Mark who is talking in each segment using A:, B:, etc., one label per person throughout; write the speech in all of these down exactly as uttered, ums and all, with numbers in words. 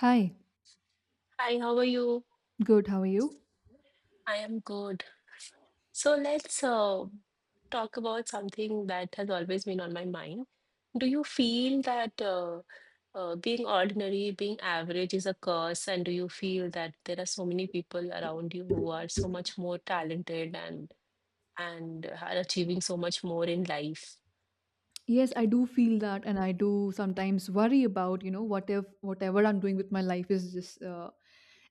A: Hi,
B: Hi, how are you?
A: good. How are you?
B: I am good. So let's uh, talk about something that has always been on my mind. Do you feel that uh, uh, being ordinary, being average is a curse? And do you feel that there are so many people around you who are so much more talented and and are achieving so much more in life?
A: Yes, I do feel that, and I do sometimes worry about, you know, what if whatever I'm doing with my life is just uh,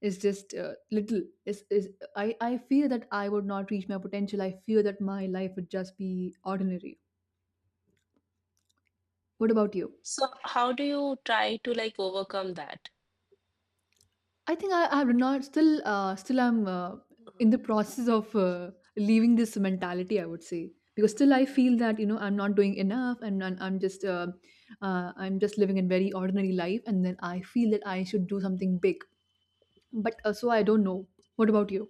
A: is just uh, little. Is is I I fear that I would not reach my potential. I fear that my life would just be ordinary. What about you?
B: So how do you try to like overcome that?
A: I think I, I have not still uh, still I'm uh, in the process of uh, leaving this mentality. I would say, because still I feel that you know I'm not doing enough, and I'm, I'm just uh, uh, I'm just living a very ordinary life, and then I feel that I should do something big. But uh, so I don't know. What about you?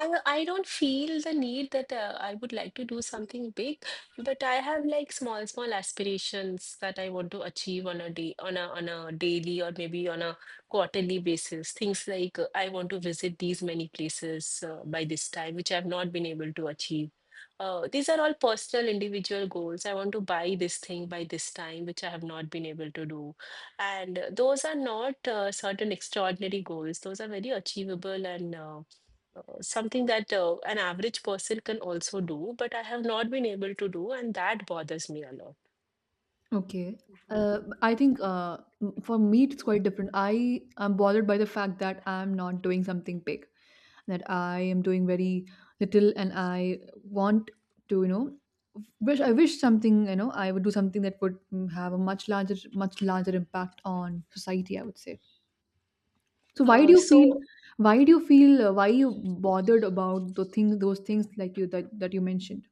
B: I, I don't feel the need that uh, I would like to do something big, but I have like small, small aspirations that I want to achieve on a day, on a on a daily or maybe on a quarterly basis. Things like uh, I want to visit these many places uh, by this time, which I've not been able to achieve. Uh, these are all personal, individual goals. I want to buy this thing by this time, which I have not been able to do. And uh, those are not uh, certain extraordinary goals. Those are very achievable and uh, uh, something that uh, an average person can also do, but I have not been able to do, and that bothers me a lot.
A: Okay. Uh, I think uh, m- for me it's quite different. I am bothered by the fact that I'm not doing something big, that I am doing very little, and I want to, you know, wish I wish something, you know, I would do something that would, mm, have a much larger, much larger impact on society. I would say. So why do
B: Uh,
A: you feel?
B: so
A: Why do you feel? Uh, why you bothered about the thing, those things like you that that you mentioned?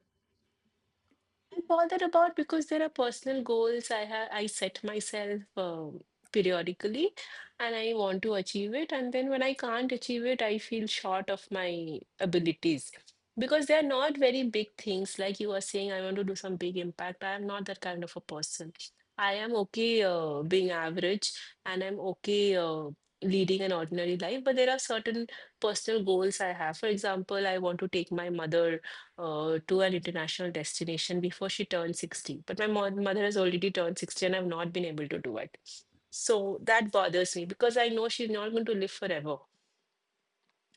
B: I'm bothered about because there are personal goals I have I set myself um, periodically and I want to achieve it, and then when I can't achieve it, I feel short of my abilities, because they are not very big things. Like you were saying, I want to do some big impact. I am not that kind of a person. I am okay uh, being average, and I'm okay uh, leading an ordinary life. But there are certain personal goals I have. For example, I want to take my mother uh, to an international destination before she turned sixty. But my mo- mother has already turned sixty and I've not been able to do it. So that bothers me, because I know she's not going to live forever,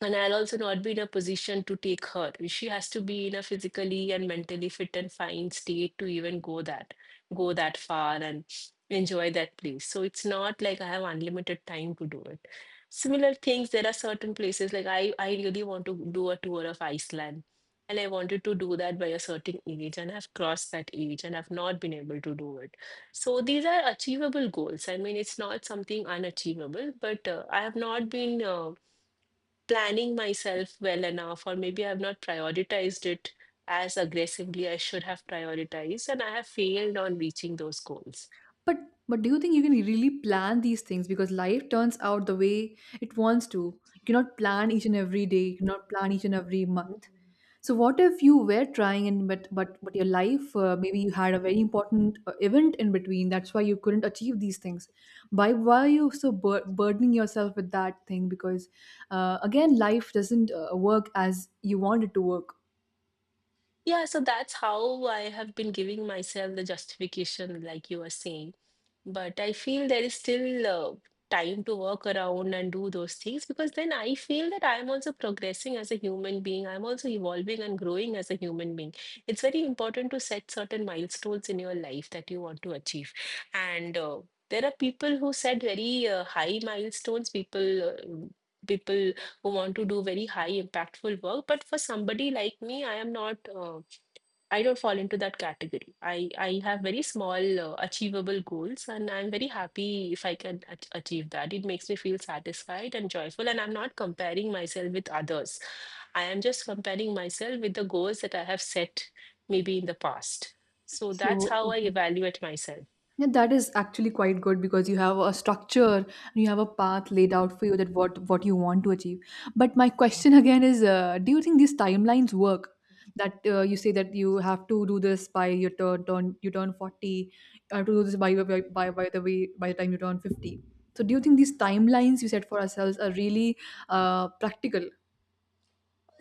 B: and I'll also not be in a position to take her. She has to be in a physically and mentally fit and fine state to even go that go that far and enjoy that place. So it's not like I have unlimited time to do it. Similar things, there are certain places like I, I really want to do a tour of Iceland. And I wanted to do that by a certain age, and I've crossed that age and I've not been able to do it. So these are achievable goals. I mean, it's not something unachievable, but uh, I have not been uh, planning myself well enough, or maybe I've not prioritized it as aggressively I should have prioritized, and I have failed on reaching those goals.
A: But but do you think you can really plan these things? Because life turns out the way it wants to. You cannot plan each and every day. You cannot plan each and every month. So what if you were trying, and but but but your life, uh, maybe you had a very important uh, event in between. That's why you couldn't achieve these things. Why why are you so bur- burdening yourself with that thing? Because, uh, again, life doesn't uh, work as you want it to work.
B: Yeah, so that's how I have been giving myself the justification, like you are saying. But I feel there is still uh, time to work around and do those things, because then I feel that I'm also progressing as a human being. I'm also evolving and growing as a human being. It's very important to set certain milestones in your life that you want to achieve. And uh, there are people who set very uh, high milestones, people. Uh, people who want to do very high impactful work. But for somebody like me, I am not uh, I don't fall into that category. I i have very small uh, achievable goals, and I'm very happy if I can ach- achieve that. It makes me feel satisfied and joyful, and I'm not comparing myself with others. I am just comparing myself with the goals that I have set maybe in the past. So that's
A: So.
B: how I evaluate myself.
A: Yeah, that is actually quite good, because you have a structure and you have a path laid out for you, that what what you want to achieve. But my question again is, uh, do you think these timelines work? That uh, you say that you have to do this by your turn, turn you turn forty, you have to do this by by by, by the way by the time you turn fifty. So do you think these timelines you set for ourselves are really, uh, practical?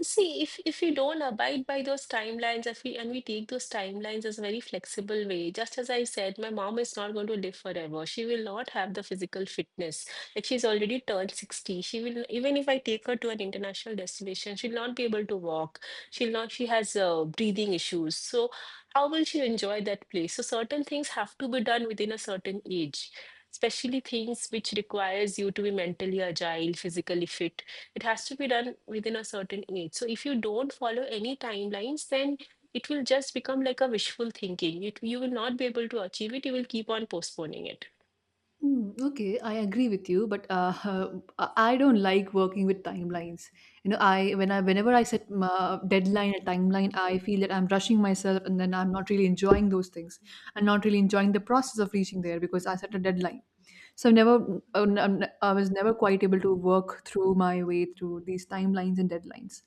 B: See, if if we don't abide by those timelines, if we and we take those timelines as a very flexible way, just as I said, my mom is not going to live forever. She will not have the physical fitness. Like she's already turned sixty. She will, even if I take her to an international destination, she'll not be able to walk. She'll not, She has uh, breathing issues. So how will she enjoy that place? So certain things have to be done within a certain age. Especially things which requires you to be mentally agile, physically fit, it has to be done within a certain age. So if you don't follow any timelines, then it will just become like a wishful thinking. It, you will not be able to achieve it. You will keep on postponing it.
A: Mm, okay, I agree with you, but, uh, I I don't like working with timelines. You know, I when I whenever I set, uh, deadline, a timeline, I feel that I'm rushing myself, and then I'm not really enjoying those things, and not really enjoying the process of reaching there, because I set a deadline. So I've never, uh, n- n- I was never quite able to work through my way through these timelines and deadlines.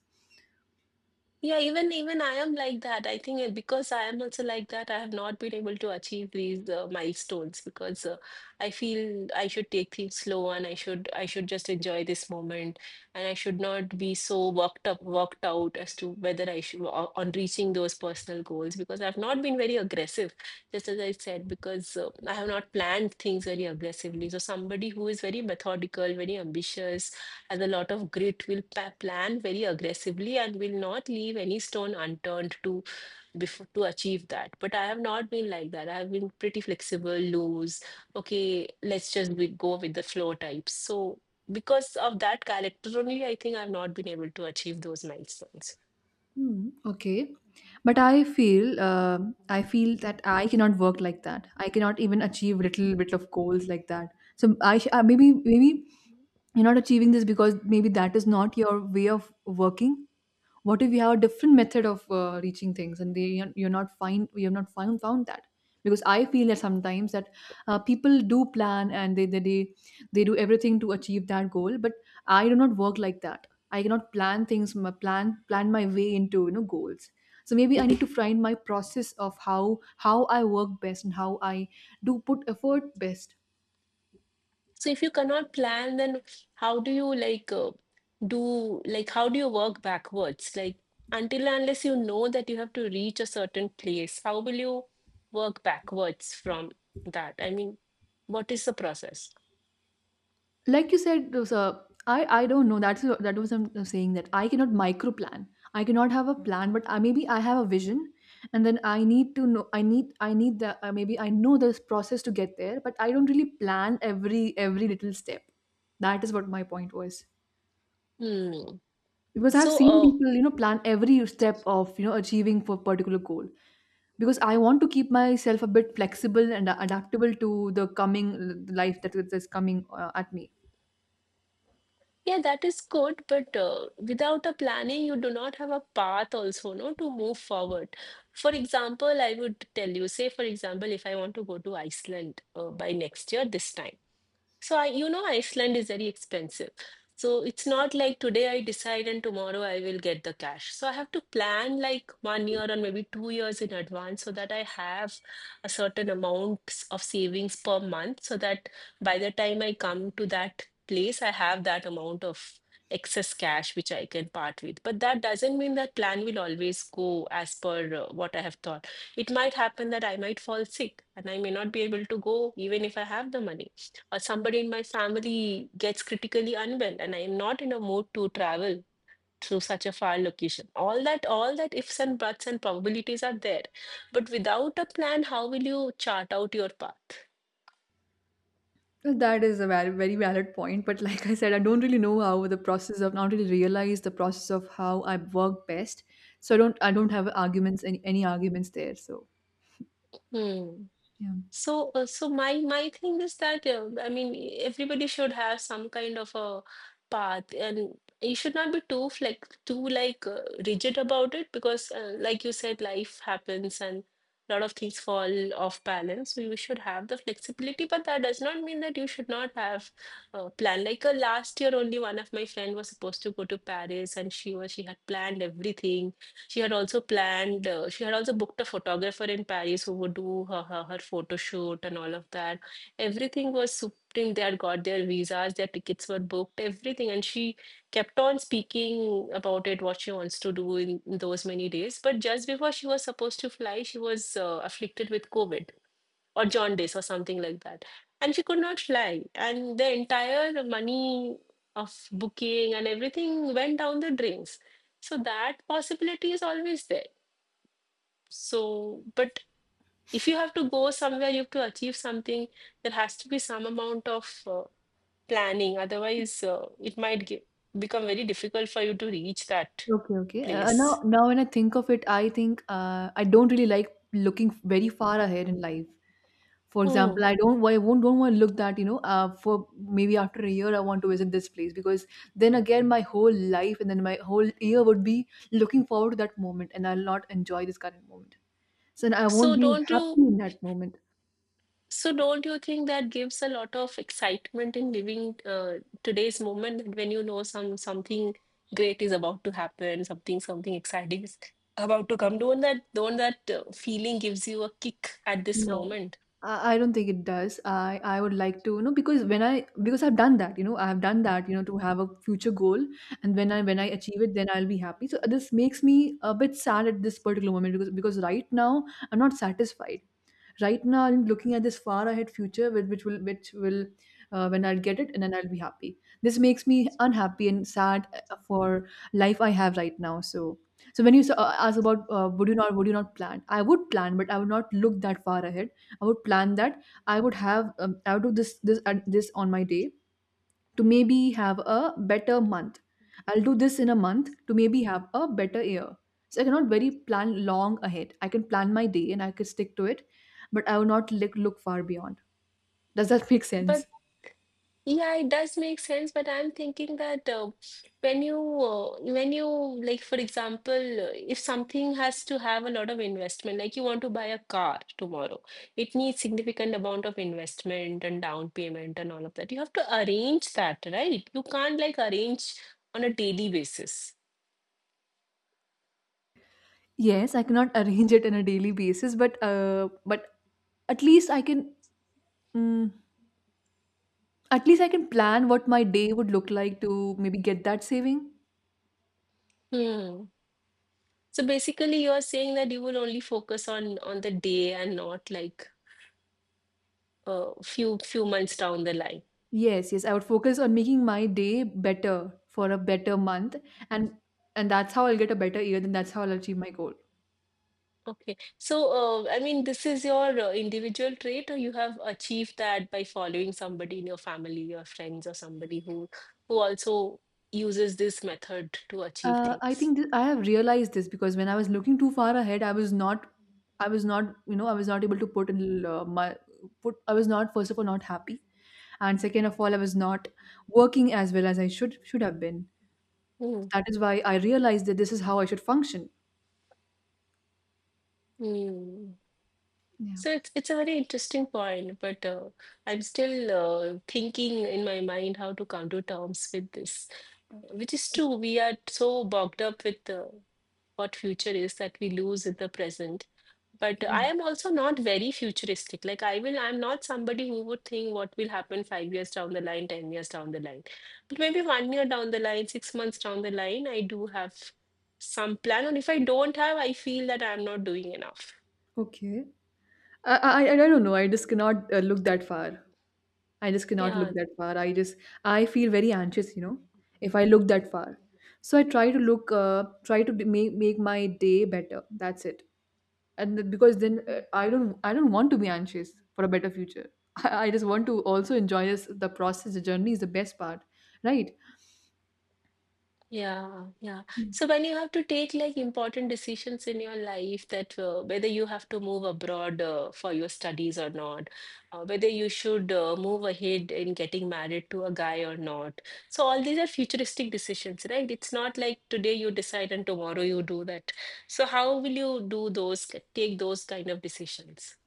B: Yeah, even even I am like that. I think uh, because I am also like that, I have not been able to achieve these uh, milestones, because uh, I feel I should take things slow, and I should I should just enjoy this moment, and I should not be so worked up worked out as to whether I should o- on reaching those personal goals, because I've not been very aggressive. Just as I said, because uh, I have not planned things very aggressively. So somebody who is very methodical, very ambitious, has a lot of grit, will pa- plan very aggressively and will not leave any stone unturned to before to achieve that. But I have not been like that. I have been pretty flexible, loose. Okay, let's just be, go with the flow types. So because of that character only, I think I've not been able to achieve those milestones.
A: Hmm, okay. But I feel uh, I feel that I cannot work like that. I cannot even achieve little bit of goals like that. So, I sh- uh, maybe maybe you're not achieving this because maybe that is not your way of working. What if we have a different method of uh, reaching things, and they you're not find you have not found found that? Because I feel that sometimes, that uh, people do plan, and they, they they they do everything to achieve that goal, but I do not work like that. I cannot plan things, my plan plan my way into, you know goals. So maybe I need to find my process of how how I work best, and how I do put effort best.
B: So if you cannot plan, then how do you like uh, do like how do you work backwards? Like until and unless you know that you have to reach a certain place, how will you work backwards from that? I mean, what is the process?
A: Like you said, uh, sir, i i don't know, that's that was I'm saying, that I cannot micro plan. I cannot have a plan, but I, maybe i have a vision, and then I need to know, I need I need the uh, maybe I know this process to get there, but I don't really plan every every little step. That is what my point was.
B: Hmm.
A: Because I've
B: So
A: seen
B: uh,
A: people you know plan every step of you know achieving for particular goal. Because I want to keep myself a bit flexible and adaptable to the coming life that is coming uh, at me.
B: yeah, that is good, but uh, without a planning, you do not have a path also, no, to move forward. For example, I would tell you, say for example, if I want to go to Iceland uh, by next year, this time. So I, you know, Iceland is very expensive. So it's not like today I decide and tomorrow I will get the cash. So I have to plan like one year or maybe two years in advance so that I have a certain amount s- of savings per month, so that by the time I come to that place, I have that amount of excess cash which I can part with. But that doesn't mean that plan will always go as per uh, what I have thought. It might happen that I might fall sick and I may not be able to go even if I have the money, uh, somebody in my family gets critically unwell and I am not in a mood to travel to such a far location. All that, all that ifs and buts and probabilities are there. But without a plan, how will you chart out your path?
A: That is a very, very valid point. But like I said, I don't really know, how the process of not really realize the process of how I work best. So I don't I don't have arguments, any any arguments there. So
B: Hmm.
A: yeah.
B: So, uh, so my my thing is that uh, I mean everybody should have some kind of a path, and you should not be too like too like uh, rigid about it, because uh, like you said, life happens and a lot of things fall off balance. So you should have the flexibility, but that does not mean that you should not have a plan. Like uh, last year, only one of my friend was supposed to go to Paris, and she was she had planned everything. She had also planned, uh, she had also booked a photographer in Paris who would do her, her, her photo shoot and all of that. Everything was supreme. They had got their visas, their tickets were booked, everything. And she kept on speaking about it, what she wants to do in, in those many days. But just before she was supposed to fly, she was uh, afflicted with COVID or jaundice or something like that. And she could not fly. And the entire money of booking and everything went down the drains. So that possibility is always there. So, but if you have to go somewhere, you have to achieve something, there has to be some amount of uh, planning. Otherwise, uh, it might get, become very difficult for you to reach that
A: Okay, okay. Uh, uh, now
B: place.
A: now when I think of it, I think, uh, I don't really like looking very far ahead in life. For
B: Hmm.
A: example, I don't I won't don't want to look that, you know, uh, for maybe after a year I want to visit this place, because then again my whole life and then my whole year would be looking forward to that moment, and I'll not enjoy this current moment. So I won't
B: So,
A: be
B: don't
A: happy
B: you
A: in that moment.
B: So don't you think that gives a lot of excitement in living uh, today's moment, that when you know some something great is about to happen, something something exciting is about to come. Don't that don't that uh, feeling gives you a kick at this
A: No.
B: moment?
A: I, I don't think it does. I, I would like to, you know, because when I because I've done that, you know, I've done that, you know, to have a future goal, and when I when I achieve it, then I'll be happy. So this makes me a bit sad at this particular moment, because because right now I'm not satisfied. Right now I'm looking at this far ahead future, which, which will which will uh, when I'll get it and then I'll be happy. This makes me unhappy and sad, uh, for life I have right now. So so when you s- uh, ask about, uh, would you not would you not plan, I would plan, but I would not look that far ahead. I would plan that, i would have um, i would do this, this, and this on my day, to maybe have a better month. I'll do this in a month, to maybe have a better year. So I cannot very plan long ahead. I can plan my day and I can stick to it, but I will not look look far beyond. Does that make sense?
B: But yeah, it does make sense, but I'm thinking that uh, when you uh, when you like for example, uh, if something has to have a lot of investment, like you want to buy a car tomorrow, it needs significant amount of investment and down payment and all of that. You have to arrange that, right? You can't like arrange on a daily basis.
A: Yes, I cannot arrange it on a daily basis, but uh, but at least I can mm, at least I can plan what my day would look like to maybe get that saving.
B: Hmm. So basically, you are saying that you will only focus on on the day and not like a few few months down the line.
A: Yes, yes, I would focus on making my day better, for a better month, and and that's how I'll get a better year. Then that's how I'll achieve my goal.
B: Okay. So, uh, I mean, this is your uh, individual trait, or you have achieved that by following somebody in your family, your friends, or somebody who who also uses this method to achieve
A: Uh, I
B: things.
A: think th- I have realized this, because when I was looking too far ahead, I was not, I was not, you know, I was not able to put in uh, my put. I was not, first of all, not happy, and second of all, I was not working as well as I should should have been.
B: Hmm.
A: That is why I realized that this is how I should function.
B: Hmm.
A: Yeah.
B: So it's it's a very interesting point, but uh, I'm still uh, thinking in my mind how to come to terms with this, which is true. We are so bogged up with uh, what future is that we lose in the present. But
A: Okay.
B: I am also not very futuristic. Like I will, I'm not somebody who would think what will happen five years down the line, ten years down the line. But maybe one year down the line, six months down the line, I do have some plan. And if I don't have, I feel that I'm not doing enough.
A: Okay. I I, I don't know. I just cannot, uh, look that far. I just cannot look
B: Yeah,
A: that far. I just I feel very anxious, you know, if I look that far. So I try to look, uh, try to make make my day better. That's it. And th- because then, uh, I don't I don't want to be anxious for a better future. I, I just want to also enjoy this, the process. The journey is the best part, right?
B: Yeah, yeah. So when you have to take like important decisions in your life that uh, whether you have to move abroad uh, for your studies or not, uh, whether you should uh, move ahead in getting married to a guy or not. So all these are futuristic decisions, right? It's not like today you decide and tomorrow you do that. So how will you do those, take those kind of decisions?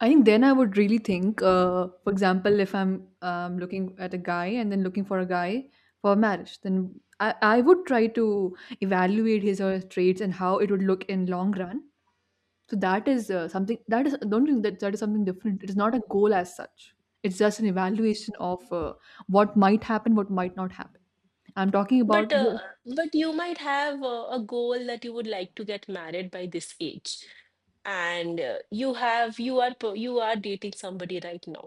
A: I think then I would really think, uh, for example, if I'm um, looking at a guy and then looking for a guy for marriage, then I, I would try to evaluate his or her traits, and how it would look in long run. So that is, uh, something that is, don't think that that is something different. It is not a goal as such. It's just an evaluation of, uh, what might happen, what might not happen. I'm talking about.
B: But uh, but you might have a, a goal that you would like to get married by this age, and uh, you have you are per- you are dating somebody right now.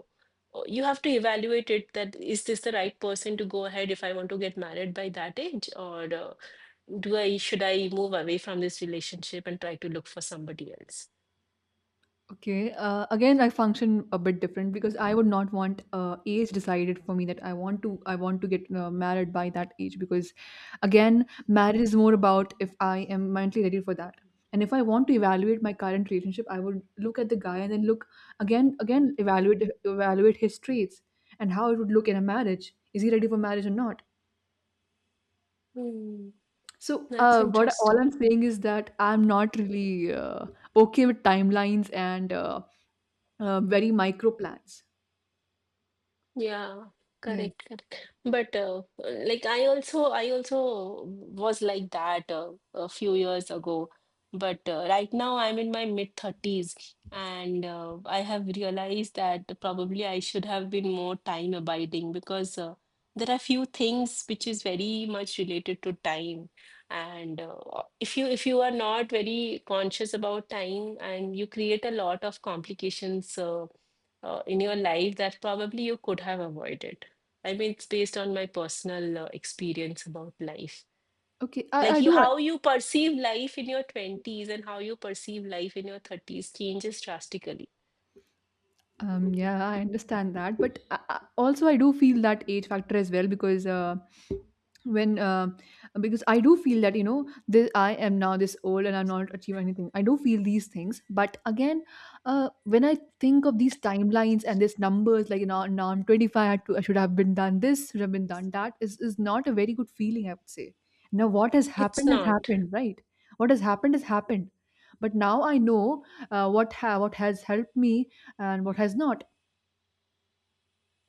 B: Uh, You have to evaluate it that is this the right person to go ahead if I want to get married by that age, or uh, do I should I move away from this relationship and try to look for somebody else?
A: Okay. Uh, again, I function a bit different, because I would not want, uh, age decided for me, that I want to I want to get uh, married by that age, because, again, marriage is more about if I am mentally ready for that. And if I want to evaluate my current relationship, I would look at the guy and then look, again again evaluate evaluate his traits, and how it would look in a marriage. Is he ready for marriage or not?
B: Hmm,
A: So,
B: that's
A: uh, what all
B: interesting.
A: I'm saying is that I'm not really, uh, okay with timelines, and uh, uh, very micro plans.
B: Yeah,
A: Yes.
B: correct, correct. But uh, like I also I also was like that uh, a few years ago. But uh, right now I'm in my mid thirties and uh, I have realized that probably I should have been more time abiding because uh, there are few things which is very much related to time. And uh, if you if you are not very conscious about time and you create a lot of complications uh, uh, in your life that probably you could have avoided? I mean, it's based on my personal uh, experience about life.
A: Okay. I, I
B: Like you,
A: do.
B: how you perceive life in your twenties and how you perceive life in your thirties changes drastically.
A: Um, yeah, I understand that, but I, I- also I do feel that age factor as well, because, uh, when, uh, because I do feel that, you know this, I am now this old, and I'm not achieving anything. I do feel these things, but again, uh, when I think of these timelines and these numbers, like you know, now I'm twenty-five, I, had to, I should have been done this, should have been done that, is is not a very good feeling, I would say. Now what has
B: It's
A: happened has
B: not.
A: happened, right? What has happened has happened, but now I know uh, what ha- what has helped me and what has not.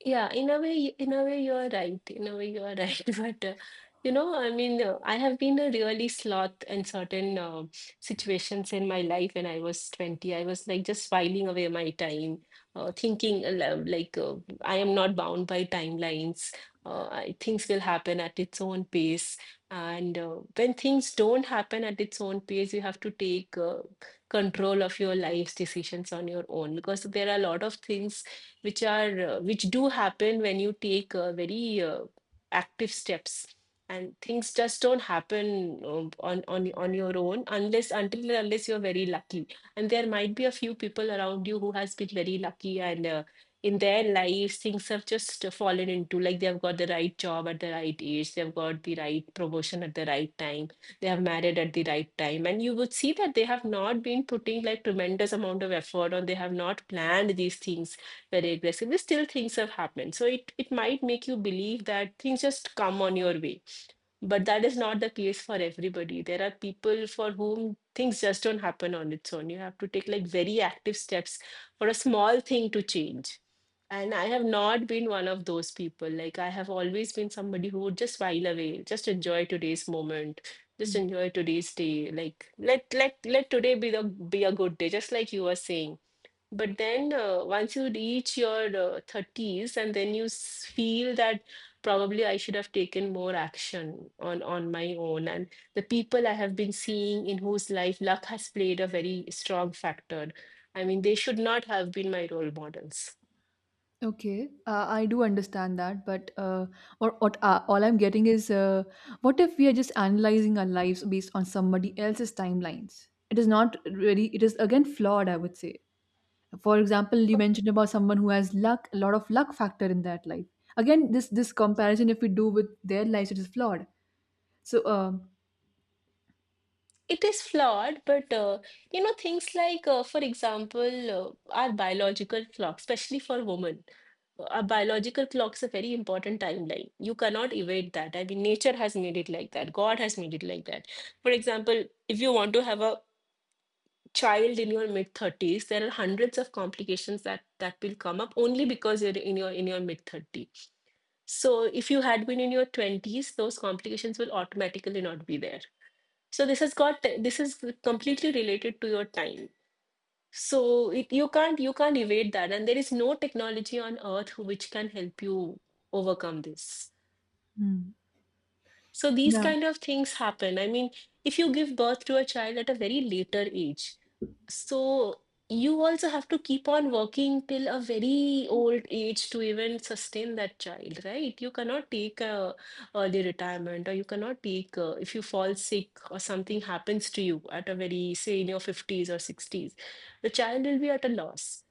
B: Yeah, in a way, in a way, you are right. In a way, you are right. But uh, you know, I mean, uh, I have been a really sloth in certain uh, situations in my life. When I was twenty, I was like just filing away my time, uh, thinking uh, lo- like uh, I am not bound by timelines. Uh, I, things will happen at its own pace, and uh, when things don't happen at its own pace, you have to take uh, control of your life's decisions on your own because there are a lot of things which are uh, which do happen when you take uh, very uh, active steps and things just don't happen um, on on on your own unless until and unless you're very lucky, and there might be a few people around you who has been very lucky, and uh, in their lives things have just uh, fallen into, like they have got the right job at the right age, they have got the right promotion at the right time, they have married at the right time, and you would see that they have not been putting like tremendous amount of effort, or they have not planned these things very aggressive. Still things have happened. So it, it might make you believe that things just come on your way. But that is not the case for everybody. There are people for whom things just don't happen on its own. You have to take like very active steps for a small thing to change. And I have not been one of those people. Like I have always been somebody who would just while away, just enjoy today's moment, just
A: Mm.
B: enjoy today's day. Like let let let today be the be a good day, just like you were saying, but then uh, once you reach your uh, thirties and then you s- feel that probably I should have taken more action on on my own, and the people I have been seeing in whose life luck has played a very strong factor. I mean, they should not have been my role models.
A: Okay, uh, I do understand that, but uh, or, what uh, all I'm getting is, uh, what if we are just analyzing our lives based on somebody else's timelines? It is not really. It is again flawed, I would say. For example, you mentioned about someone who has luck, a lot of luck factor in that life. Again, this this comparison, if we do with their lives, it is flawed. So, um,
B: It is flawed, but uh, you know, things like, uh, for example, uh, our biological clock, especially for women, uh, our biological clock's a very important timeline. You cannot evade that. I mean, nature has made it like that. God has made it like that. For example, if you want to have a child in your mid thirties, there are hundreds of complications that that will come up only because you're in your in your mid thirties. So if you had been in your twenties, those complications will automatically not be there, so this has got, this is completely related to your time. So it, you can't you can't evade that, and there is no technology on earth which can help you overcome this,
A: hmm.
B: so these
A: Yeah.
B: kind of things happen. I mean, if you give birth to a child at a very later age, so you also have to keep on working till a very old age to even sustain that child, right? You cannot take a early retirement, or you cannot take uh if you fall sick or something happens to you at a very, say, in your fifties or sixties, the child will be at a loss.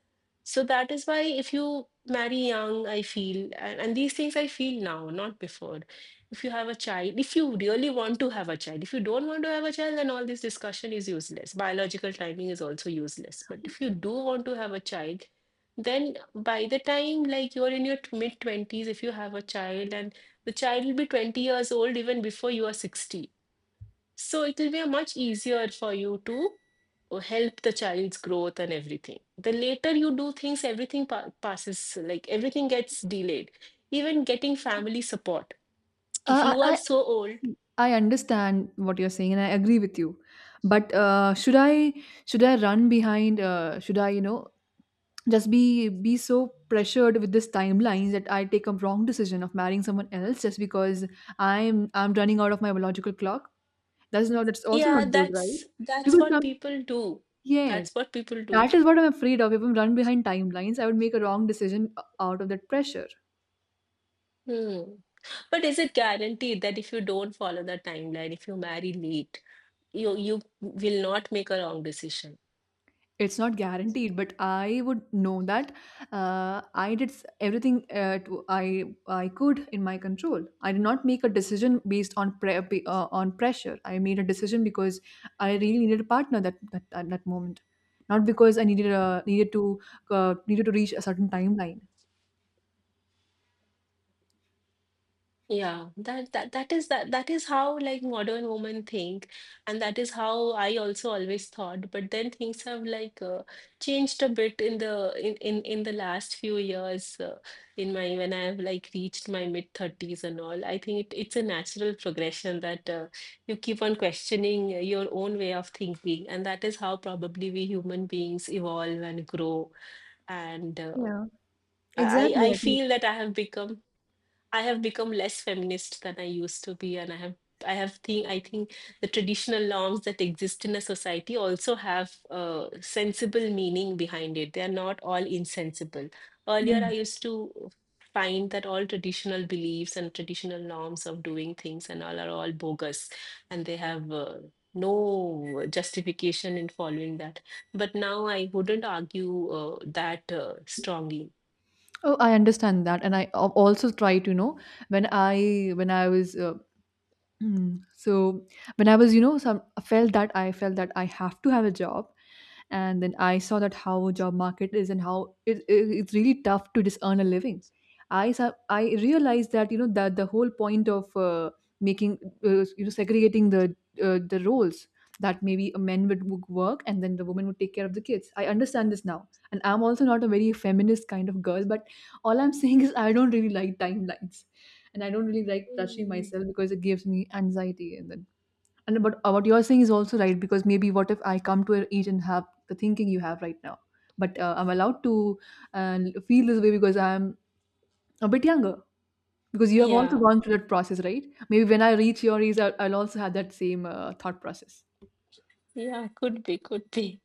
B: So that is why if you marry young, I feel, and, and these things I feel now, not before, if you have a child, if you really want to have a child, if you don't want to have a child, then all this discussion is useless. Biological timing is also useless. But if you do want to have a child, then by the time like you're in your mid twenties, if you have a child, and the child will be twenty years old even before you are sixty. So it will be a much easier for you to uh, help the child's growth and everything. The later you do things, everything pa- passes, like everything gets delayed. Even getting family support if
A: Uh,
B: you are
A: I,
B: so old,
A: I understand what you're saying, and I agree with you. But uh, should I should I run behind? Uh, should I, you know, just be be so pressured with this timelines that I take a wrong decision of marrying someone else just because I'm I'm running out of my biological clock? That's not, that's also
B: yeah,
A: not good, right?
B: that's that's
A: Because
B: what
A: some,
B: people do
A: yes,
B: that's what people do.
A: that is what I'm afraid of. If I'm run behind timelines, I would make a wrong decision o- out of that pressure.
B: Hmm. But is it guaranteed that if you don't follow the timeline, if you marry late, you you will not make a wrong decision?
A: It's not guaranteed, but I would know that uh, I did s- everything uh, to, I i could in my control. I did not make a decision based on pre- be- uh, on pressure. I made a decision because I really needed a partner that that, at that moment, not because I needed a, needed to, uh, needed to reach a certain timeline.
B: Yeah, that that that is that that is how like modern women think, and that is how I also always thought. But then things have like uh, changed a bit in the in in in the last few years. Uh, in my, when I have like reached my mid thirties and all, I think it, it's a natural progression that uh, you keep on questioning uh, your own way of thinking, and that is how probably we human beings evolve and grow. And uh,
A: Yeah,
B: I
A: exactly.
B: I I
A: I think.
B: feel that I have become I have become less feminist than I used to be, and I have I have think I think the traditional norms that exist in a society also have uh, sensible meaning behind it. They are not all insensible. Earlier, I
A: Yeah.
B: used to find that all traditional beliefs and traditional norms of doing things and all are all bogus, and they have uh, no justification in following that. But now I wouldn't argue uh, that uh, strongly.
A: Oh, I understand that, and I al- also try to, you know, when I when I was uh, mm. So when I was, you know, some I felt that, I felt that I have to have a job, and then I saw that how job market is, and how it, it, it's really tough to just earn a living. I saw, I realized that, you know, that the whole point of uh, making uh, you know, segregating the uh, the roles, that maybe a men would wo- work and then the woman would take care of the kids. I understand this now, and I'm also not a very feminist kind of girl, but all I'm saying is I don't really like timelines, and I don't really like rushing
B: Mm.
A: myself because it gives me anxiety. And then, and but uh, what you're saying is also right, because maybe what if I come to an age and have the thinking you have right now, but uh, I'm allowed to uh, feel this way because I'm a bit younger. Because you have also
B: Yeah.
A: gone through that process, right? Maybe when I reach your age, I'll, I'll also have that same uh, thought process.
B: Yeah, could be, could be.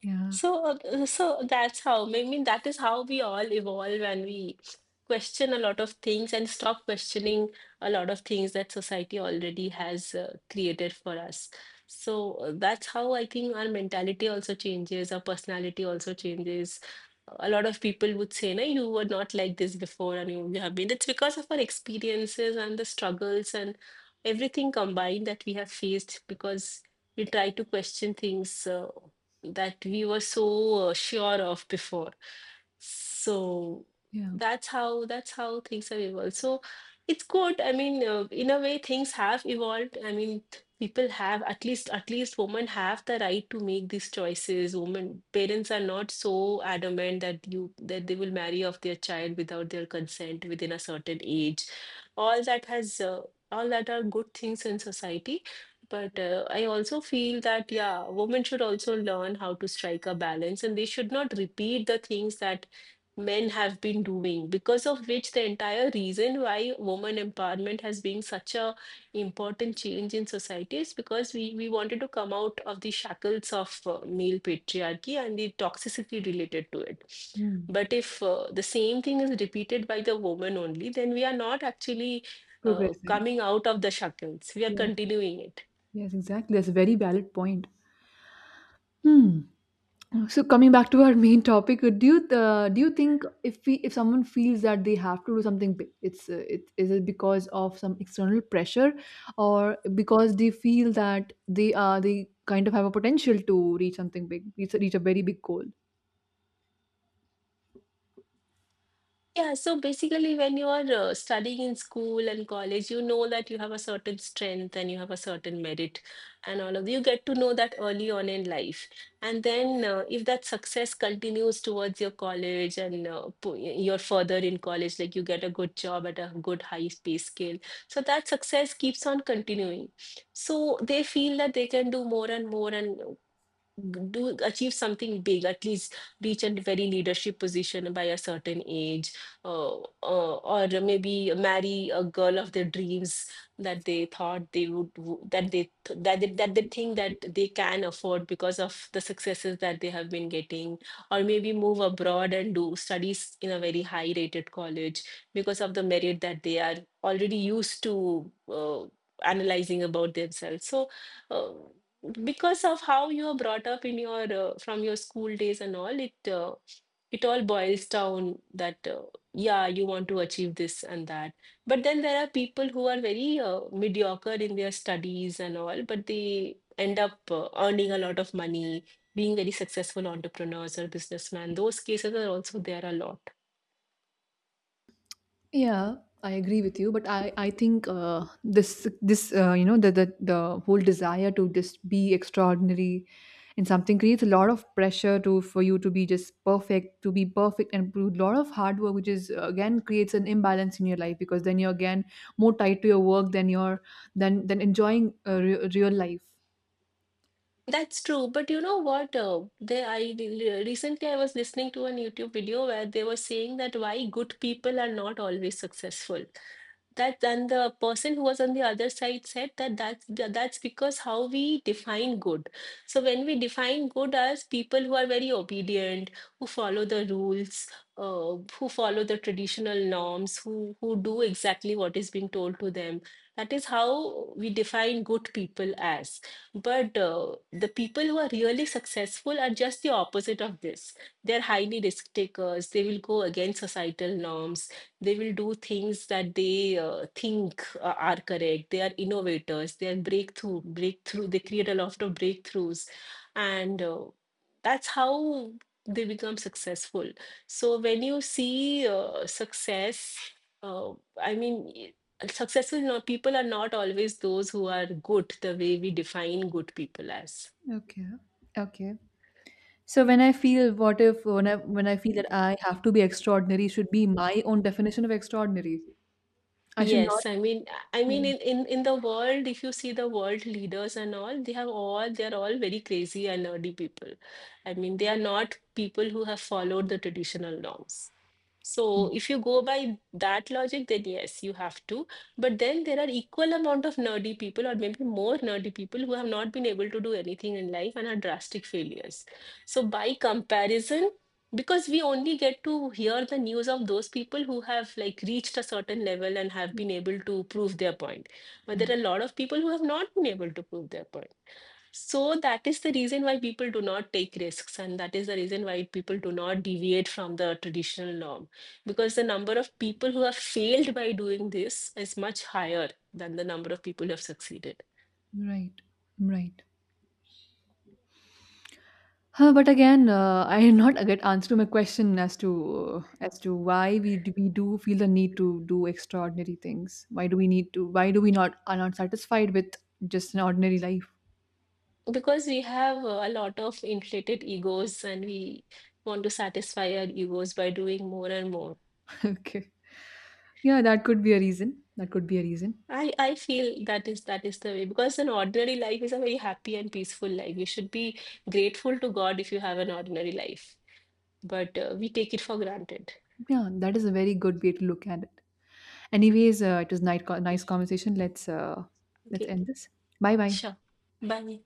A: Yeah,
B: So, uh, so that's how, I mean, that is how we all evolve, and we question a lot of things and stop questioning a lot of things that society already has uh, created for us. So, uh, that's how I think our mentality also changes, our personality also changes. A lot of people would say, no, you were not like this before, and you, you have been. It's because of our experiences and the struggles and everything combined that we have faced, because we try to question things. Uh, that we were so uh, sure of before. So
A: yeah.
B: that's how that's how things have evolved. So it's good. I mean, uh, in a way, things have evolved. I mean, people have at least at least women have the right to make these choices. Women parents are not so adamant that you that they will marry off their child without their consent within a certain age. All that has uh, all that are good things in society. But uh, I also feel that, yeah, women should also learn how to strike a balance and they should not repeat the things that men have been doing. Because of which, the entire reason why woman empowerment has been such a important change in society is because we, we wanted to come out of the shackles of uh, male patriarchy and the toxicity related to it.
A: Hmm.
B: But if uh, the same thing is repeated by the woman, only then we are not actually uh,
A: Progressing.
B: coming out of the shackles, we are
A: Yeah.
B: continuing it.
A: Yes, exactly. That's a very valid point. Hmm. So coming back to our main topic, uh, do you uh, do you think if we, if someone feels that they have to do something big, it's uh, it is it because of some external pressure, or because they feel that they are they kind of have a potential to reach something big, reach, a- reach a very big goal?
B: Yeah, so basically, when you are uh, studying in school and college, you know that you have a certain strength and you have a certain merit, and all of you get to know that early on in life. And then, uh, if that success continues towards your college and uh, po- you're further in college, like you get a good job at a good high pay scale, so that success keeps on continuing. So they feel that they can do more and more, and do achieve something big, at least reach a very leadership position by a certain age, uh, uh, or maybe marry a girl of their dreams that they thought they would w- that they th- that they, that they think that they can afford because of the successes that they have been getting, or maybe move abroad and do studies in a very high rated college because of the merit that they are already used to uh, analyzing about themselves. So uh, because of how you are brought up in your uh, from your school days and all, it uh, it all boils down that uh, yeah, you want to achieve this and that. But then there are people who are very uh, mediocre in their studies and all, but they end up uh, earning a lot of money, being very successful entrepreneurs or businessmen. Those cases are also there a lot.
A: Yeah, I agree with you, but I I think uh, this this uh, you know, the, the the whole desire to just be extraordinary in something creates a lot of pressure to, for you to be just perfect, to be perfect, and a lot of hard work, which is uh, again creates an imbalance in your life because then you're again more tied to your work than your, than than enjoying uh, re- real life.
B: That's true, but you know what? Uh, they, I re- recently I was listening to a YouTube video where they were saying that why good people are not always successful. That, and the person who was on the other side said that that's tha- that's because how we define good. So when we define good as people who are very obedient, who follow the rules, uh, who follow the traditional norms, who who do exactly what is being told to them, that is how we define good people as. But uh, the people who are really successful are just the opposite of this. They're highly risk takers. They will go against societal norms. They will do things that they uh, think uh, are correct. They are innovators. They are breakthrough, breakthrough. They create a lot of breakthroughs. And uh, that's how they become successful. So when you see uh, success, uh, I mean, successful, no, people are not always those who are good the way we define good people as.
A: Okay. Okay. So when I feel, what if, when I when I feel that I have to be extraordinary, should be my own definition of extraordinary. I should not.
B: Yes, I mean, I mean, in, in in the world, if you see the world leaders and all, they have all they are all very crazy and nerdy people. I mean, they are not people who have followed the traditional norms. So if you go by that logic, then yes, you have to. But then there are equal amount of nerdy people, or maybe more nerdy people, who have not been able to do anything in life and are drastic failures. So by comparison, because we only get to hear the news of those people who have like reached a certain level and have been able to prove their point, but
A: Yeah,
B: there are a lot of people who have not been able to prove their point. So that is the reason why people do not take risks, and that is the reason why people do not deviate from the traditional norm, because the number of people who have failed by doing this is much higher than the number of people who have succeeded.
A: right, right. Huh, but again, uh, I did not get answer to my question as to uh, as to why we do, we do feel the need to do extraordinary things. Why do we need to? Why do we, not are not satisfied with just an ordinary life?
B: Because we have uh, a lot of inflated egos and we want to satisfy our egos by doing more and more.
A: Okay, yeah, that could be a reason. That could be a reason.
B: I, I feel that is that is the way, because an ordinary life is a very happy and peaceful life. You should be grateful to God if you have an ordinary life, but uh, we take it for granted.
A: Yeah, that is a very good way to look at it. Anyways, uh, it was nice nice conversation. Let's uh, let's
B: Okay,
A: end this. Bye bye.
B: sure. Bye.